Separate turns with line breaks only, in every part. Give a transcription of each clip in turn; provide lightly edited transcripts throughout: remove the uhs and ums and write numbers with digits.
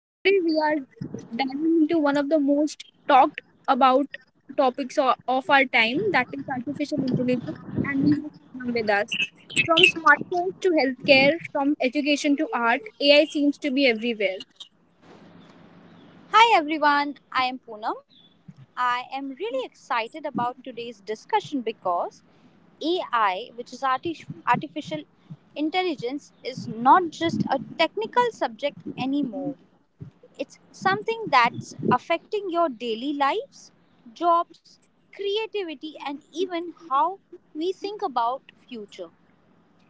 And today we are diving into one of the most talked about topics of our time, that is artificial intelligence. And we have Sam with us. From smartphones to healthcare, from education to art, AI seems to be everywhere.
Hi everyone, I am Poonam. I am really excited about today's discussion because AI, which is artificial intelligence, is not just a technical subject anymore. It's something that's affecting your daily lives, jobs, creativity and even how we think about future.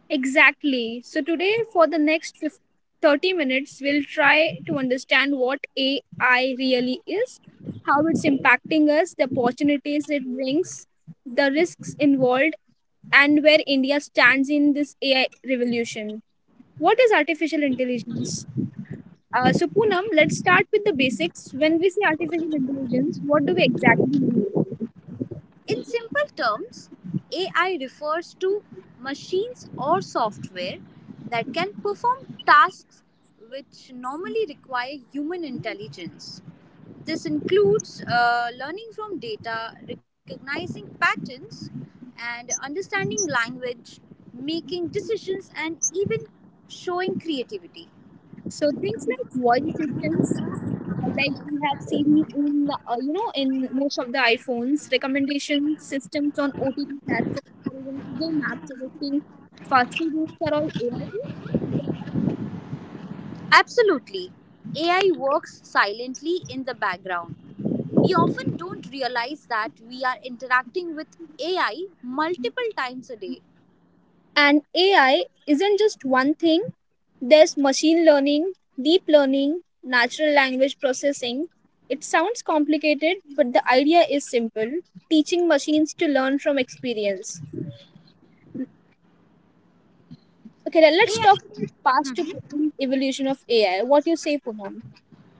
Exactly. So today, for the next 30 minutes, we'll try to understand what AI really is, how it's impacting us, the opportunities it brings, the risks involved, and where India stands in this AI revolution. What is artificial intelligence? So, Poonam, let's start with the basics. When we say artificial intelligence, what do we exactly mean?
In simple terms, AI refers to machines or software that can perform tasks which normally require human intelligence. This includes learning from data, recognizing patterns, and understanding language, making decisions, and even showing creativity.
So, things like voice assistants. Like we have seen in in most of the iPhones, recommendation systems on OTT platforms, or even Google Maps suggesting faster routes are all AI based.
Absolutely, AI works silently in the background. We often don't realize that we are interacting with AI multiple times a day.
And AI isn't just one thing. There's machine learning, deep learning, natural language processing. It sounds complicated, but the idea is simple: teaching machines to learn from experience. Okay, let's
AI.
talk about past to
Mhm.
present evolution of AI. What do you say, Poonam?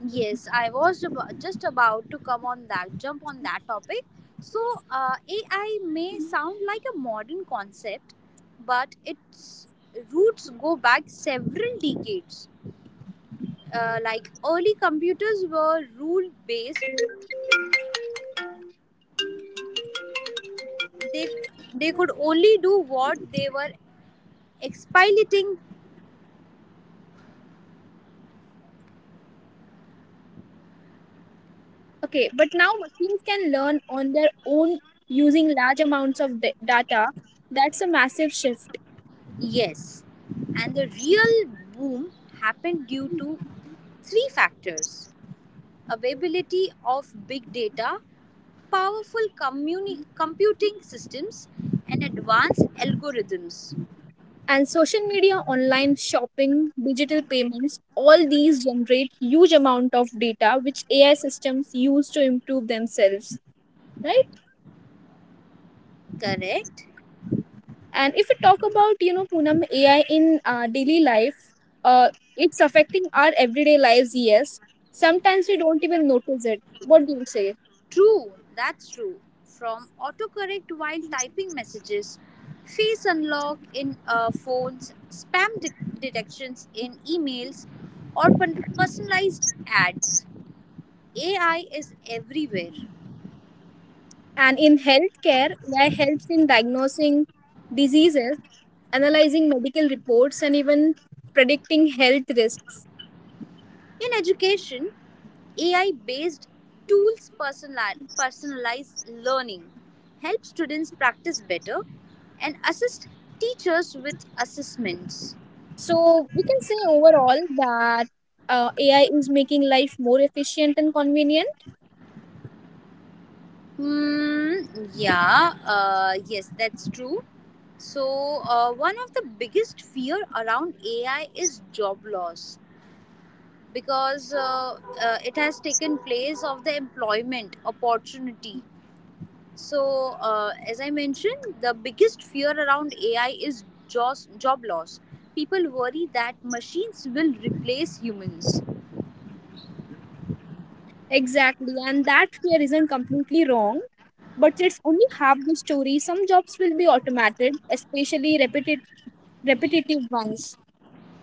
Yes, I was just about to come on that, jump on that topic. So, AI may sound like a modern concept, but its roots go back several decades. Like early computers were rule based, they, they could only do what they were expilating.
Okay, but now machines can learn on their own using large amounts of data. That's a massive shift.
Yes, and the real boom happened due to three factors availability of big data, powerful computing systems, and advanced algorithms.
And social media, online shopping, digital payments, all these generate huge amount of data which AI systems use to improve themselves, right?
Correct?
And if we talk about, Poonam, AI in daily life, uh, it's affecting our everyday lives, yes. Sometimes we don't even notice it. What do you say?
True, that's true. From autocorrect while typing messages, face unlock in phones, spam detections in emails, or personalized ads. AI is everywhere.
And in healthcare, AI helps in diagnosing diseases, analyzing medical reports, and even predicting health risks.
In education, AI based tools personalized learning help students practice better and assist teachers with assessments.
So we can say overall that AI is making life more efficient and convenient.
Hmm, yeah, yes, that's true. So, one of the biggest fear around AI is job loss because it has taken place of the employment opportunity. So, as I mentioned, the biggest fear around AI is job loss. People worry that machines will replace humans.
Exactly. And that fear isn't completely wrong, but it's only half the story. Some jobs will be automated, especially repetitive ones.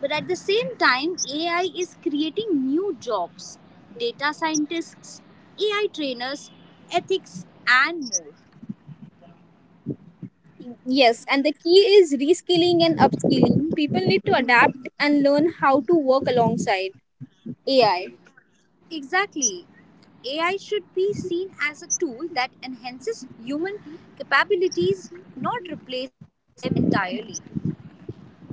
But at the same time, AI is creating new jobs data scientists, AI trainers, ethics, and more.
Yes, and the key is reskilling and upskilling. People need to adapt and learn how to work alongside AI.
Exactly. AI should be seen as a tool that enhances human capabilities, not replaces them entirely.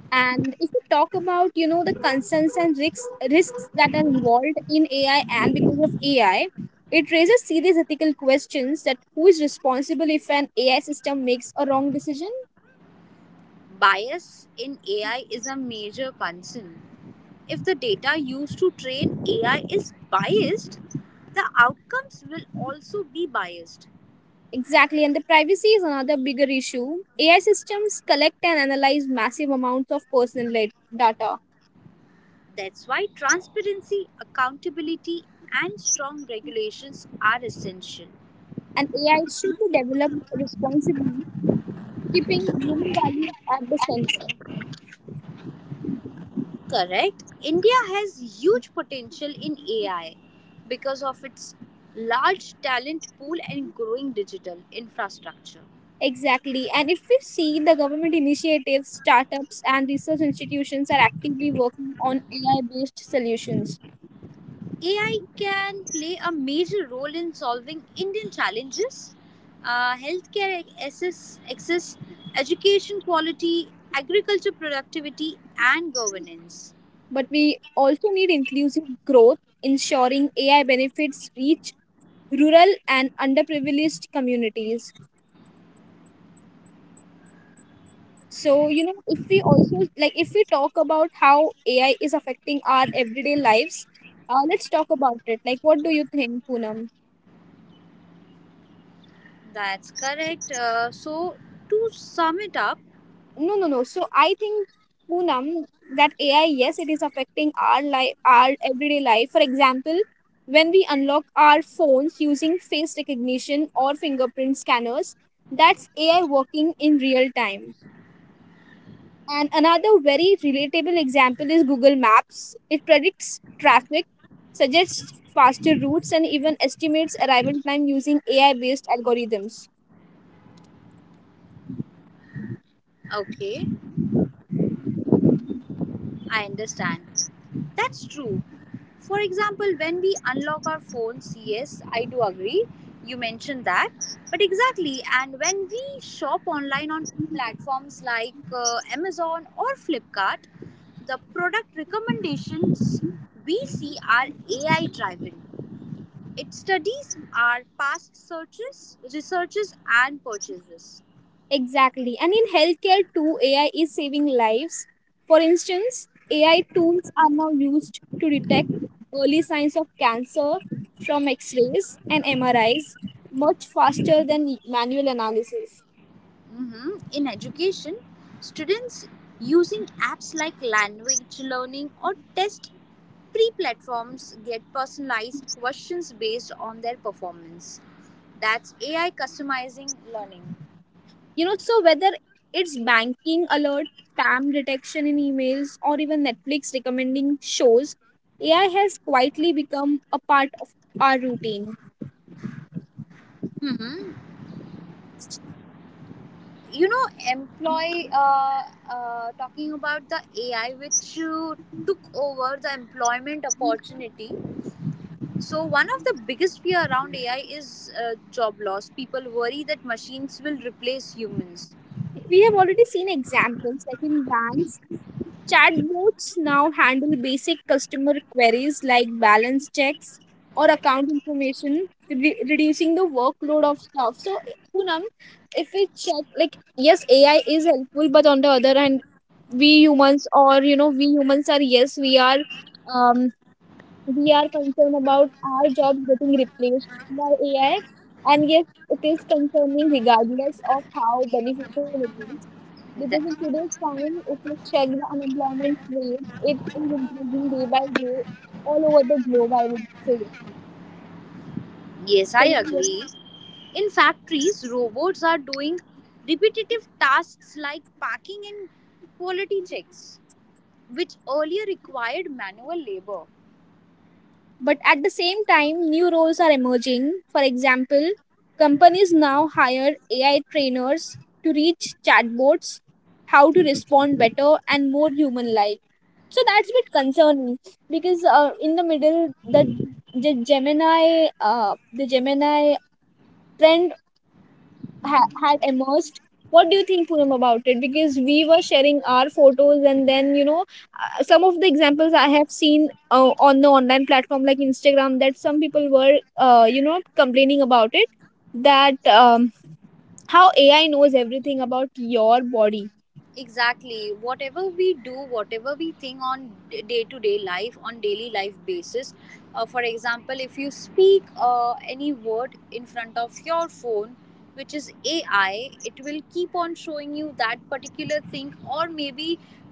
And if we talk about, the concerns and risks that are involved in AI and because of AI, it raises serious ethical questions that who is responsible if an AI system makes a wrong decision?
Bias in AI is a major concern. If the data used to train AI is biased, the outcomes will also be biased.
Exactly, and the privacy is another bigger issue. AI systems collect and analyze massive amounts of personal data,
That's why transparency, accountability, and strong regulations are essential.
and AI should be developed responsibly, keeping human values at the center.
Correct. India has huge potential in AI because of its large talent pool and growing digital infrastructure.
Exactly. And if we see, the government initiatives, startups, and research institutions are actively working on AI based solutions.
AI can play a major role in solving Indian challenges healthcare access, education quality, agriculture productivity, and governance.
But we also need inclusive growth, ensuring AI benefits reach rural and underprivileged communities. So, if we also, like, if we talk about how AI is affecting our everyday lives, let's talk about it. Like, what do you think, Poonam?
That's correct. So, to sum it up,
No, no, no. So I think, Poonam, that AI, yes, it is affecting our life, our everyday life. For example, when we unlock our phones using face recognition or fingerprint scanners, that's AI working in real time. And another very relatable example is Google Maps. It predicts traffic, suggests faster routes, and even estimates arrival time using AI based algorithms.
okay, I understand. That's true. For example, when we unlock our phones, yes, I do agree. You mentioned that. But exactly, and when we shop online on platforms like Amazon or Flipkart, the product recommendations we see are AI driven. It studies our past searches, researches, and purchases.
Exactly. And in healthcare too, AI is saving lives. For instance, AI tools are now used to detect early signs of cancer from x-rays and MRIs much faster than manual analysis.
Mhm. In education, students using apps like language learning or test free platforms get personalized questions based on their performance. That's AI customizing learning.
So whether it's banking alert, spam detection in emails, or even Netflix recommending shows, AI has quietly become a part of our routine.
Hmm. You know, employ talking about the AI which took over the employment opportunity. So one of the biggest fear around AI is job loss. People worry that machines will replace humans.
We have already seen examples like in banks. Chatbots now handle basic customer queries like balance checks or account information, reducing the workload of staff. So, Poonam, if we check, like, yes, AI is helpful, but on the other hand, we humans or you know we humans are, yes, we are, um concerned about our jobs getting replaced by AI. And yes, it is concerning regardless of how beneficial it is, because in today's time, if you check the unemployment rate, it is increasing day by day all over the globe, I would say.
Yes, I
Can you hear?
agree. In factories, robots are doing repetitive tasks like packing and quality checks, which earlier required manual labor.
But at the same time, new roles are emerging. For example, companies now hire AI trainers to reach chatbots, how to respond better and more human like. So that's a bit concerning because in the middle, the Gemini trend have immersed. What do you think, Poonam, about it? Because we were sharing our photos, and then some of the examples I have seen on the online platform like Instagram, that some people were complaining about it, that how AI knows everything about your body.
Exactly, whatever we do, whatever we think on day to day life, on daily life basis, for example, if you speak any word in front of your phone which is AI, it will keep on showing you that particular thing, or maybe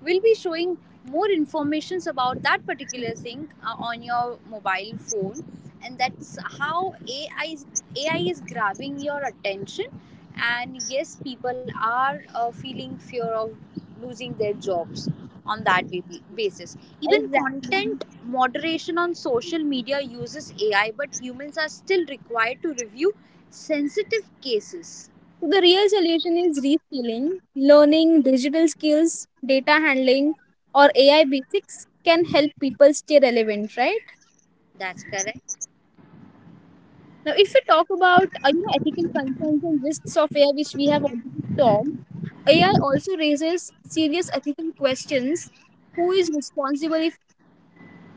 will be showing more informations about that particular thing on your mobile phone. And that's how AI is grabbing your attention. And yes, people are feeling fear of losing their jobs on that basis. Even
Exactly.
content moderation on social media uses AI, but humans are still required to review sensitive cases.
So the real solution is reskilling, learning digital skills, data handling, or AI basics can help people stay relevant, right?
That's correct.
Now, if we talk about ethical concerns and risks of AI, which we have already talked, AI also raises serious ethical questions. Who is responsible if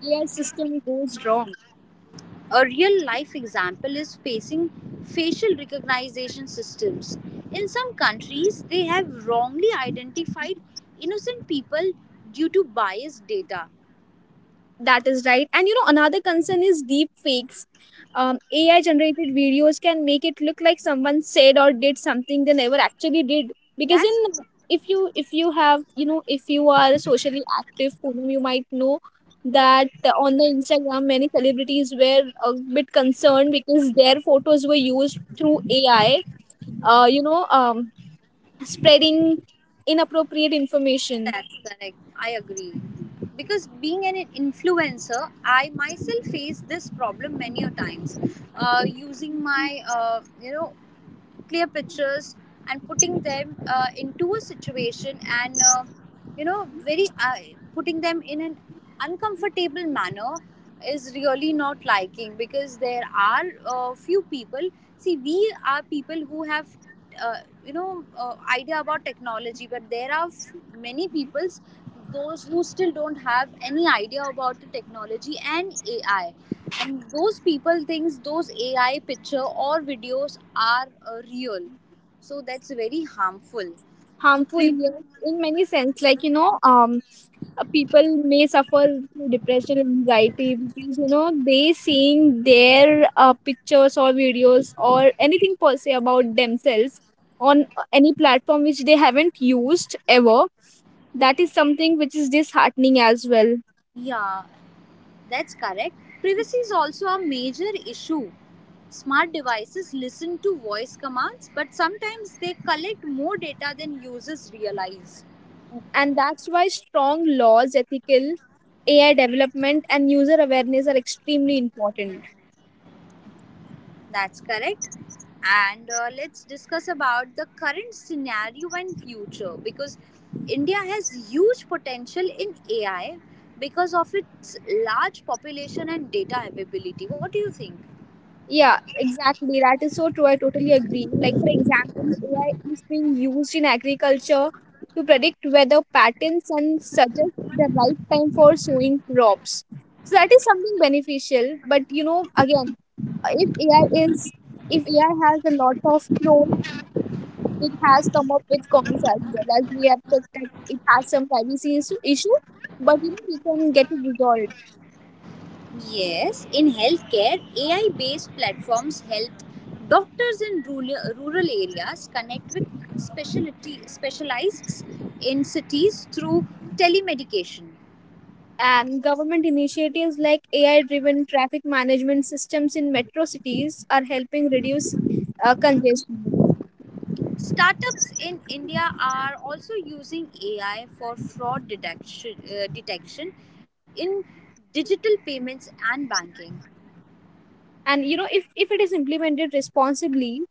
AI system goes wrong?
A real life example is facing facial recognition systems. In some countries, they have wrongly identified innocent people due to biased data.
That is right. And another concern is deep fakes. AI generated videos can make it look like someone said or did something they never actually did. Because in
That's
if you have you know if you are socially active, Poonam, you might know that on the Instagram, many celebrities were a bit concerned because their photos were used through AI, Uh, you know, um, spreading inappropriate information,
that's correct. I agree. Because being an influencer, I myself faced this problem many a times. Using my, clear pictures and putting them into a situation, and you know very putting them in an uncomfortable manner is really not liking, because there are few people. See, we are people who have uh, idea about technology, but there are many peoples those who still don't have any idea about the technology and AI. And those people thinks those AI picture or videos are real. So that's very harmful. So
harmful, yeah, in many sense. Like, people may suffer through depression and anxiety, because you know they seeing their pictures or videos or anything per se about themselves on any platform which they haven't used ever. That is something which is disheartening as well.
yeah, that's correct. Privacy is also a major issue. Smart devices listen to voice commands, but sometimes they collect more data than users realize.
And that's why strong laws, ethical AI development, and user awareness are extremely important.
That's correct. And let's discuss about the current scenario and future because India has huge potential in AI because of its large population and data availability. What do you think?
Yeah, exactly. That is so true. I totally agree. Like, for example, AI is being used in agriculture to predict weather patterns and suggest the right time for sowing crops. So that is something beneficial. But again, if AI is if AI has a lot of pros, it has come up with cons as well. As we have checked that it has some privacy issue, but we can get it resolved.
Yes, in healthcare, AI based platforms help doctors in rural areas connect with specialists in cities through telemedication.
And government initiatives like AI driven traffic management systems in metro cities are helping reduce congestion.
Startups in India are also using AI for fraud detection in digital payments and banking.
And if, it is implemented responsibly,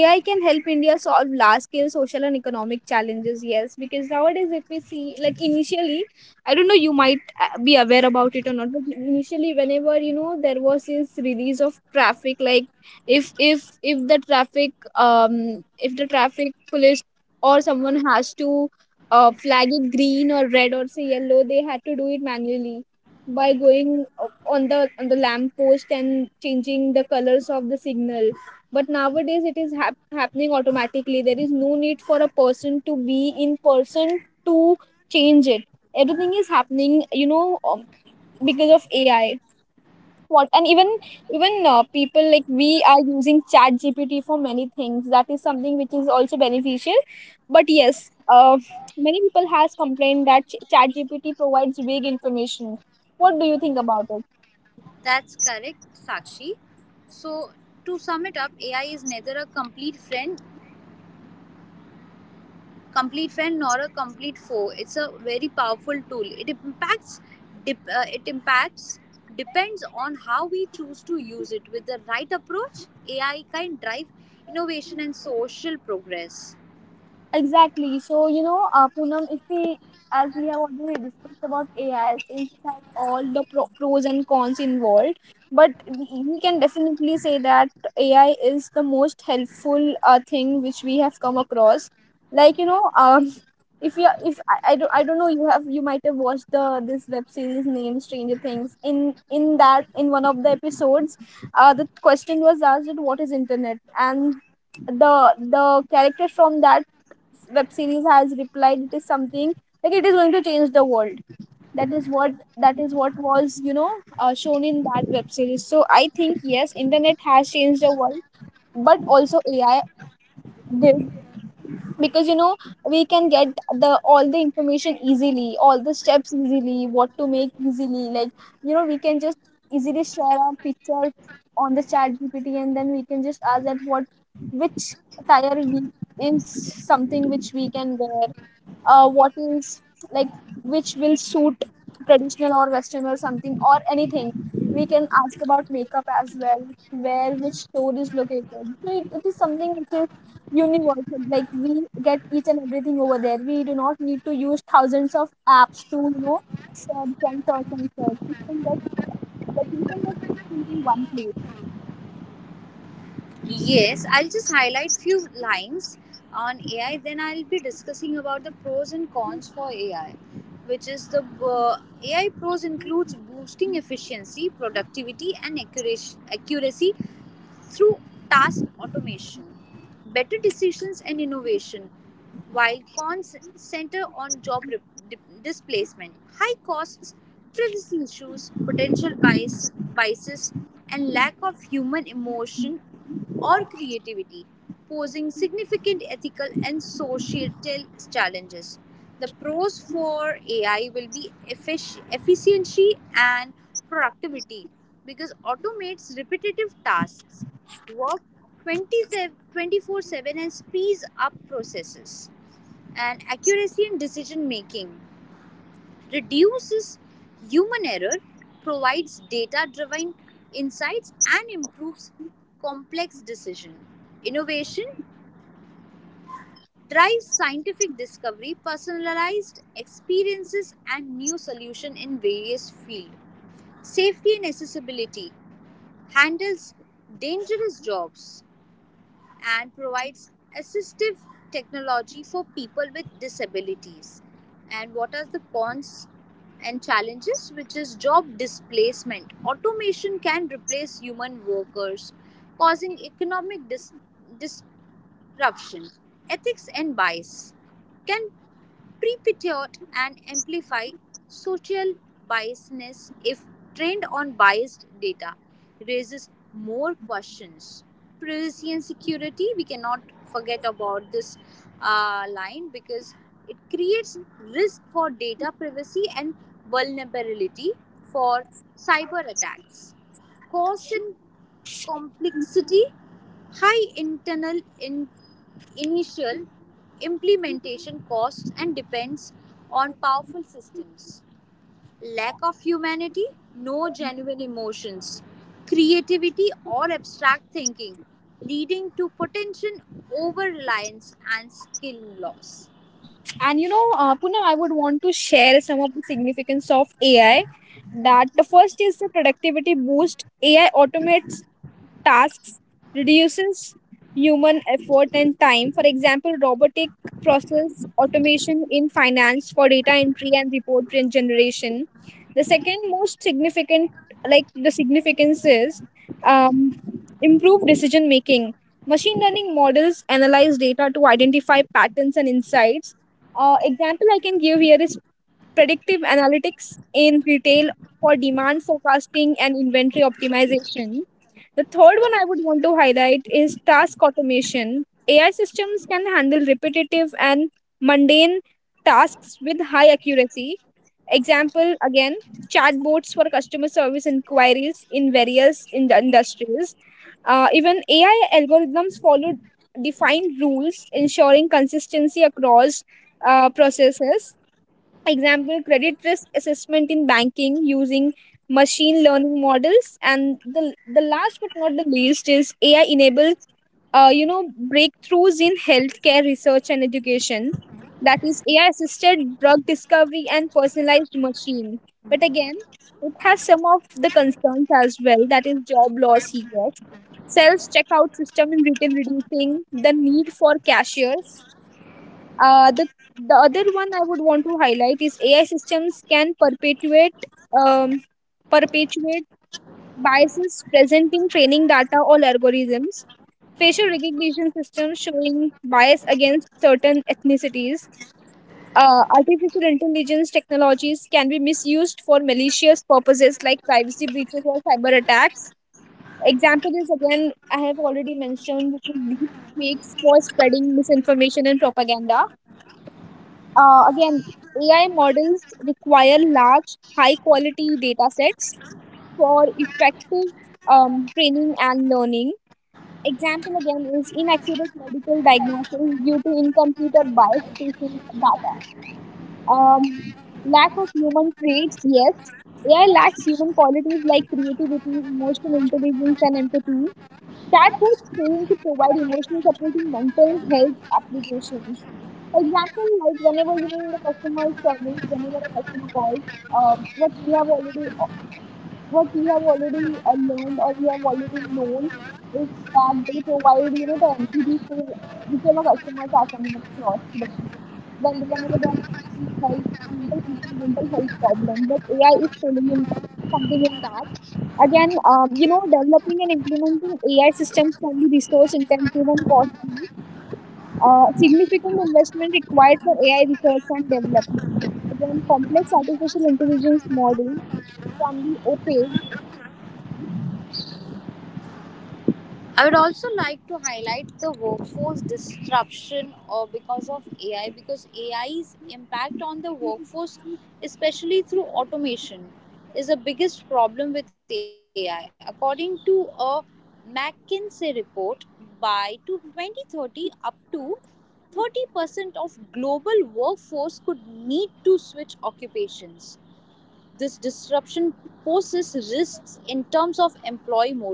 AI can help India solve large scale social and economic challenges. Yes, because nowadays, if we see, like, initially, I don't know, you might be aware about it or not, but initially, whenever there was this release of traffic, like, if if if the traffic um if the traffic police or someone has to flag it green or red, or say yellow, they had to do it manually by going on the lamp post and changing the colors of the signal. But nowadays, it is happening automatically. There is no need for a person to be in person to change it. Everything is happening, because of AI. What, and even even people, like, we are using Chat GPT for many things. That is something which is also beneficial, but yes, many people has complained that Chat GPT provides vague information. What do you think about it?
That's correct, Sakshi. So to sum it up, AI is neither a complete friend nor a complete foe. It's a very powerful tool. It impacts, dep it impacts depends on how we choose to use it. With the right approach, AI can drive innovation and social progress.
Exactly. So, Poonam, if we, as we have already discussed about AI, since it has all the pros and cons involved, but we can definitely say that AI is the most helpful thing which we have come across. Like, if you if I, I don't know, you might have watched the this web series named Stranger Things. In one of the episodes, the question was asked that what is internet, and the character from that web series has replied it is something like it is going to change the world. That is what that is what was, shown in that web series. So I think, yes, internet has changed the world, but also AI did, because we can get the all the information easily, all the steps easily, what to make easily. Like, we can just easily share our picture on the Chat GPT, and then we can just ask that what, which attire we is something which we can wear. What is like which will suit, traditional or western or something, or anything. We can ask about makeup as well. Where, which store is located. So it is something which is universal. Like, we get each and everything over there. We do not need to use thousands of apps to search and search and search. We can get everything in one place.
Yes, I'll just highlight few lines on AI. Then I'll be discussing about the pros and cons for AI, which is the AI pros includes boosting efficiency, productivity, and accuracy through task automation, better decisions, and innovation. While cons center on job displacement, high costs, privacy issues, potential biases, and lack of human emotion or creativity, posing significant ethical and societal challenges. The pros for AI will be efficiency and productivity because automates repetitive tasks, work 27 7 and speeds up processes and accuracy in decision making reduces human error, provides data-driven insights, and improves complex decision. Innovation drives scientific discovery, personalized experiences, and new solutions in various fields. Safety and accessibility handles dangerous jobs, and provides assistive technology for people with disabilities. And what are the cons and challenges? Which is job displacement. Automation can replace human workers, causing economic dis- corruption, ethics, and bias, can perpetuate and amplify social biasness if trained on biased data, raises more questions. Privacy and security, we cannot forget about this line because it creates risk for data privacy and vulnerability for cyber attacks. Cost and complexity, high internal in initial implementation costs and depends on powerful systems. Lack of humanity, no genuine emotions, creativity or abstract thinking, leading to potential over reliance and skill loss.
And Poonam, I would want to share some of the significance of AI. That the first is the productivity boost. AI automates tasks, reduces human effort and time. For example, robotic process automation in finance for data entry and generation. The second most significant, like the significance is um, improved decision making. Machine learning models analyze data to identify patterns and insights. Example I can give here is predictive analytics in retail for demand forecasting and inventory optimization. The third one I would want to highlight is task automation. AI systems can handle repetitive and mundane tasks with high accuracy. Example again, chatbots for customer service inquiries in various in industries. Even AI algorithms follow defined rules, ensuring consistency across processes. Example, credit risk assessment in banking using machine learning models. And the last but not the least is AI enabled breakthroughs in healthcare research and education. That is AI assisted drug discovery and personalized machine. But again, it has some of the concerns as well. That is job loss here. Self checkout system in retail reducing the need for cashiers. uh, the the other one I would want to highlight is AI systems can um, perpetuate biases present in training data or algorithms. Facial recognition systems showing bias against certain ethnicities. Artificial intelligence technologies can be misused for malicious purposes like privacy breaches or cyber attacks. Example is again, I have already mentioned, which is deep fakes for spreading misinformation and propaganda. uh, again, AI models require large, high quality data sets for effective training and learning. Example again is inaccurate medical diagnosis due to incomplete or biased patient data. Um, Lack of human traits, yes. AI lacks human qualities like creativity, emotional intelligence, and empathy. Chatbots fail to provide emotional support in mental health applications. Example, like whenever you mean the customer is service, whenever a customer calls, um, what we have already, what we have already learned or we have already known is that they provide, you know, the empathy to whichever customers are coming across to them. Whenever they are facing health, mental health problem, but AI is filling in something in that. Again, developing and implementing AI systems can be resource intensive and cost. Significant investment required for AI research and development. Then complex artificial intelligence models can be opaque.
I would also like to highlight the workforce disruption or because of AI because AI's impact on the workforce especially through automation is the biggest problem with AI according to a McKinsey report by to 2030 up to 30% of global workforce could need to switch occupations. This disruption poses risks in terms of employee morale,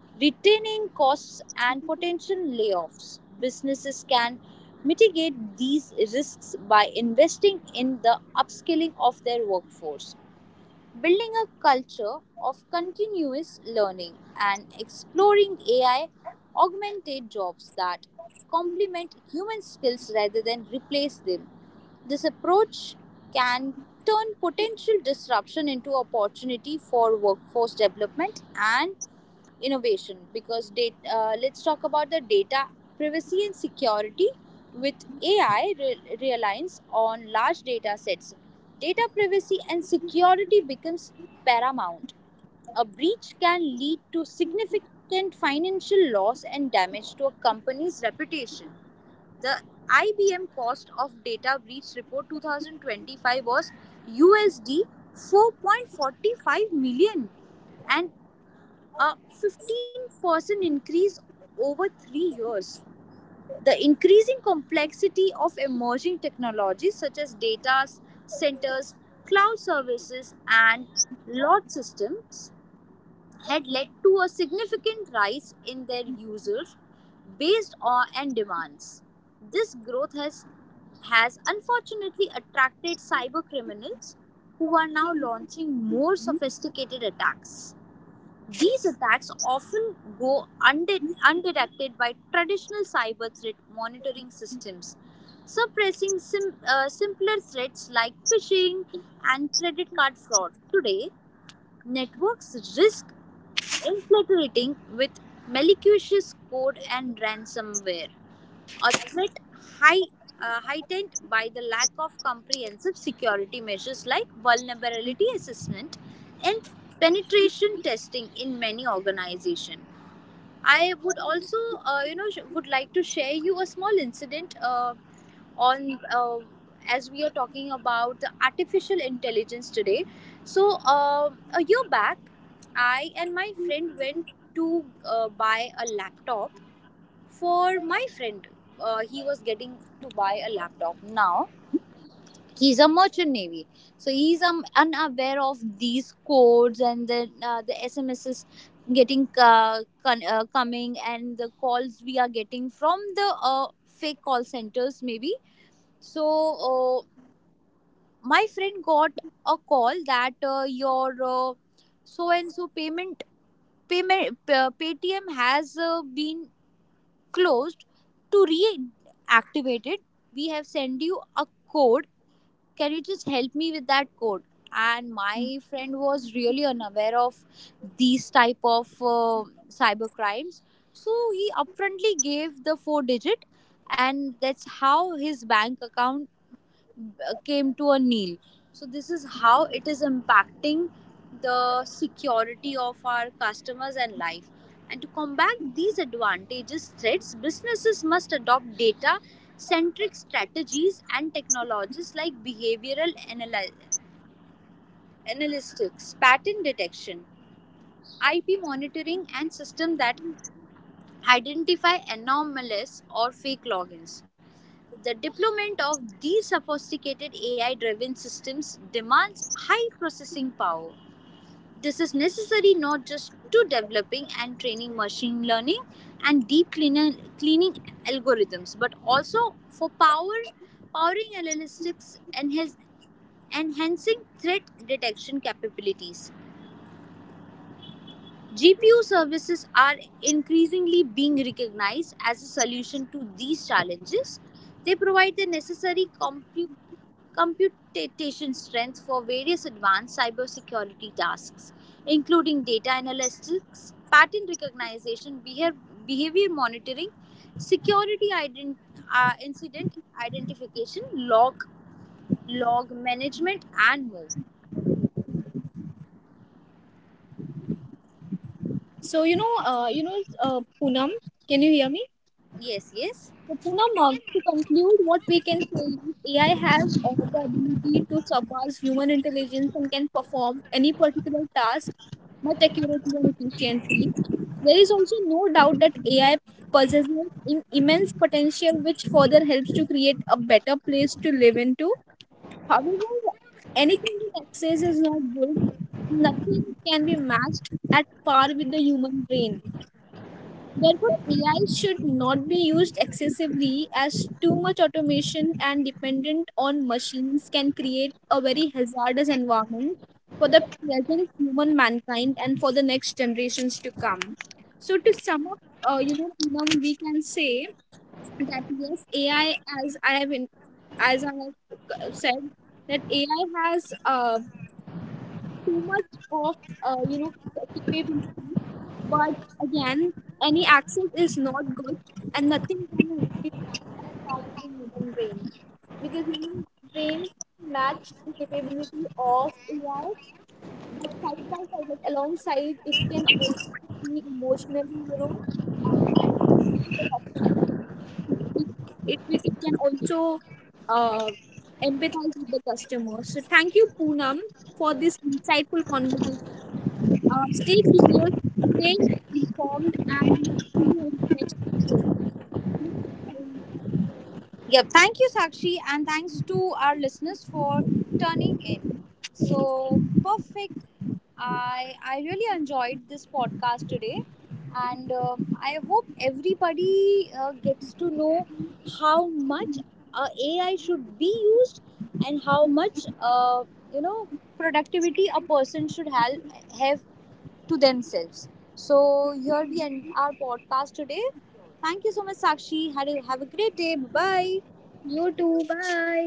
retaining costs, and potential layoffs. Businesses can mitigate these risks by investing in the upskilling of their workforce, building a culture of continuous learning and exploring AI augmented jobs that complement human skills rather than replace them. This approach can turn potential disruption into opportunity for workforce development and innovation because data, let's talk about the data privacy and security with AI reliance on large data sets. Data privacy and security becomes paramount. A breach can lead to significant financial loss and damage to a company's reputation. The IBM cost of data breach report 2025 was USD 4.45 million and a 15% increase over 3 years. The increasing complexity of emerging technologies such as data centers, cloud services, and lot systems had led to a significant rise in their users based on and demands. This growth has unfortunately attracted cyber criminals who are now launching more sophisticated attacks. These attacks often go undetected by traditional cyber threat monitoring systems, suppressing simpler threats like phishing and credit card fraud. Today, networks risk infiltrating with malicious code and ransomware, a threat high, heightened by the lack of comprehensive security measures like vulnerability assessment and penetration testing in many organizations. I would also, would like to share you a small incident on as we are talking about the artificial intelligence today. So a year back, I and my friend went to buy a laptop for my friend. He was getting to buy a laptop now. He's a merchant navy, so he's unaware of these codes. And then the smss getting coming, and the calls we are getting from the fake call centers maybe. So uh, my friend got a call that your so and so payment, paytm has been closed. To reactivate it, we have sent you a code. Can you just help me with that code? And my friend was really unaware of these type of cyber crimes. So he upfrontly gave the four digit, and that's how his bank account came to a kneel. So this is how it is impacting the security of our customers and life. And to combat these advantages threats, businesses must adopt data centric strategies and technologies like behavioral analytics, pattern detection, IP monitoring and system that identify anomalous or fake logins. The deployment of these sophisticated AI driven systems demands high processing power. This is necessary not just to developing and training machine learning and deep cleaning algorithms, but also for powering analytics and enhancing threat detection capabilities. GPU services are increasingly being recognized as a solution to these challenges. They provide the necessary computation strength for various advanced cybersecurity tasks, including data analytics, pattern recognition, behavior monitoring, security incident identification, log management, and more.
Poonam, can you hear me?
Yes, yes.
So, Poonam, to conclude, what we can say is AI has the ability to surpass human intelligence and can perform any particular task much accurately and efficiently. There is also no doubt that AI possesses immense potential, which further helps to create a better place to live into. However, anything in excess is not good. Nothing can be matched at par with the human brain. Therefore, AI should not be used excessively as too much automation and dependent on machines can create a very hazardous environment for the present human mankind and for the next generations to come. So to sum up, Poonam, we can say that yes, AI, as I have in, as I have said, that AI has too much of you know capability, but again, any access is not good, and nothing can replace as far as the human brain, because human brain can match the capability of AI, but side by side, like alongside, it can also be emotionally, uh, to the customer. it it can also uh, empathize with the customer. So thank you, Poonam, for this insightful conversation. Stay curious, stay informed, and we will see you in the next episode. Bye.
Yeah, thank you, Sakshi, and thanks to our listeners for turning in. So perfect. I really enjoyed this podcast today, and I hope everybody gets to know how much AI should be used and how much you know productivity a person should have to themselves. So here we end our podcast today. Thank you so much, Sakshi. Have a great day. Bye.
You too. Bye.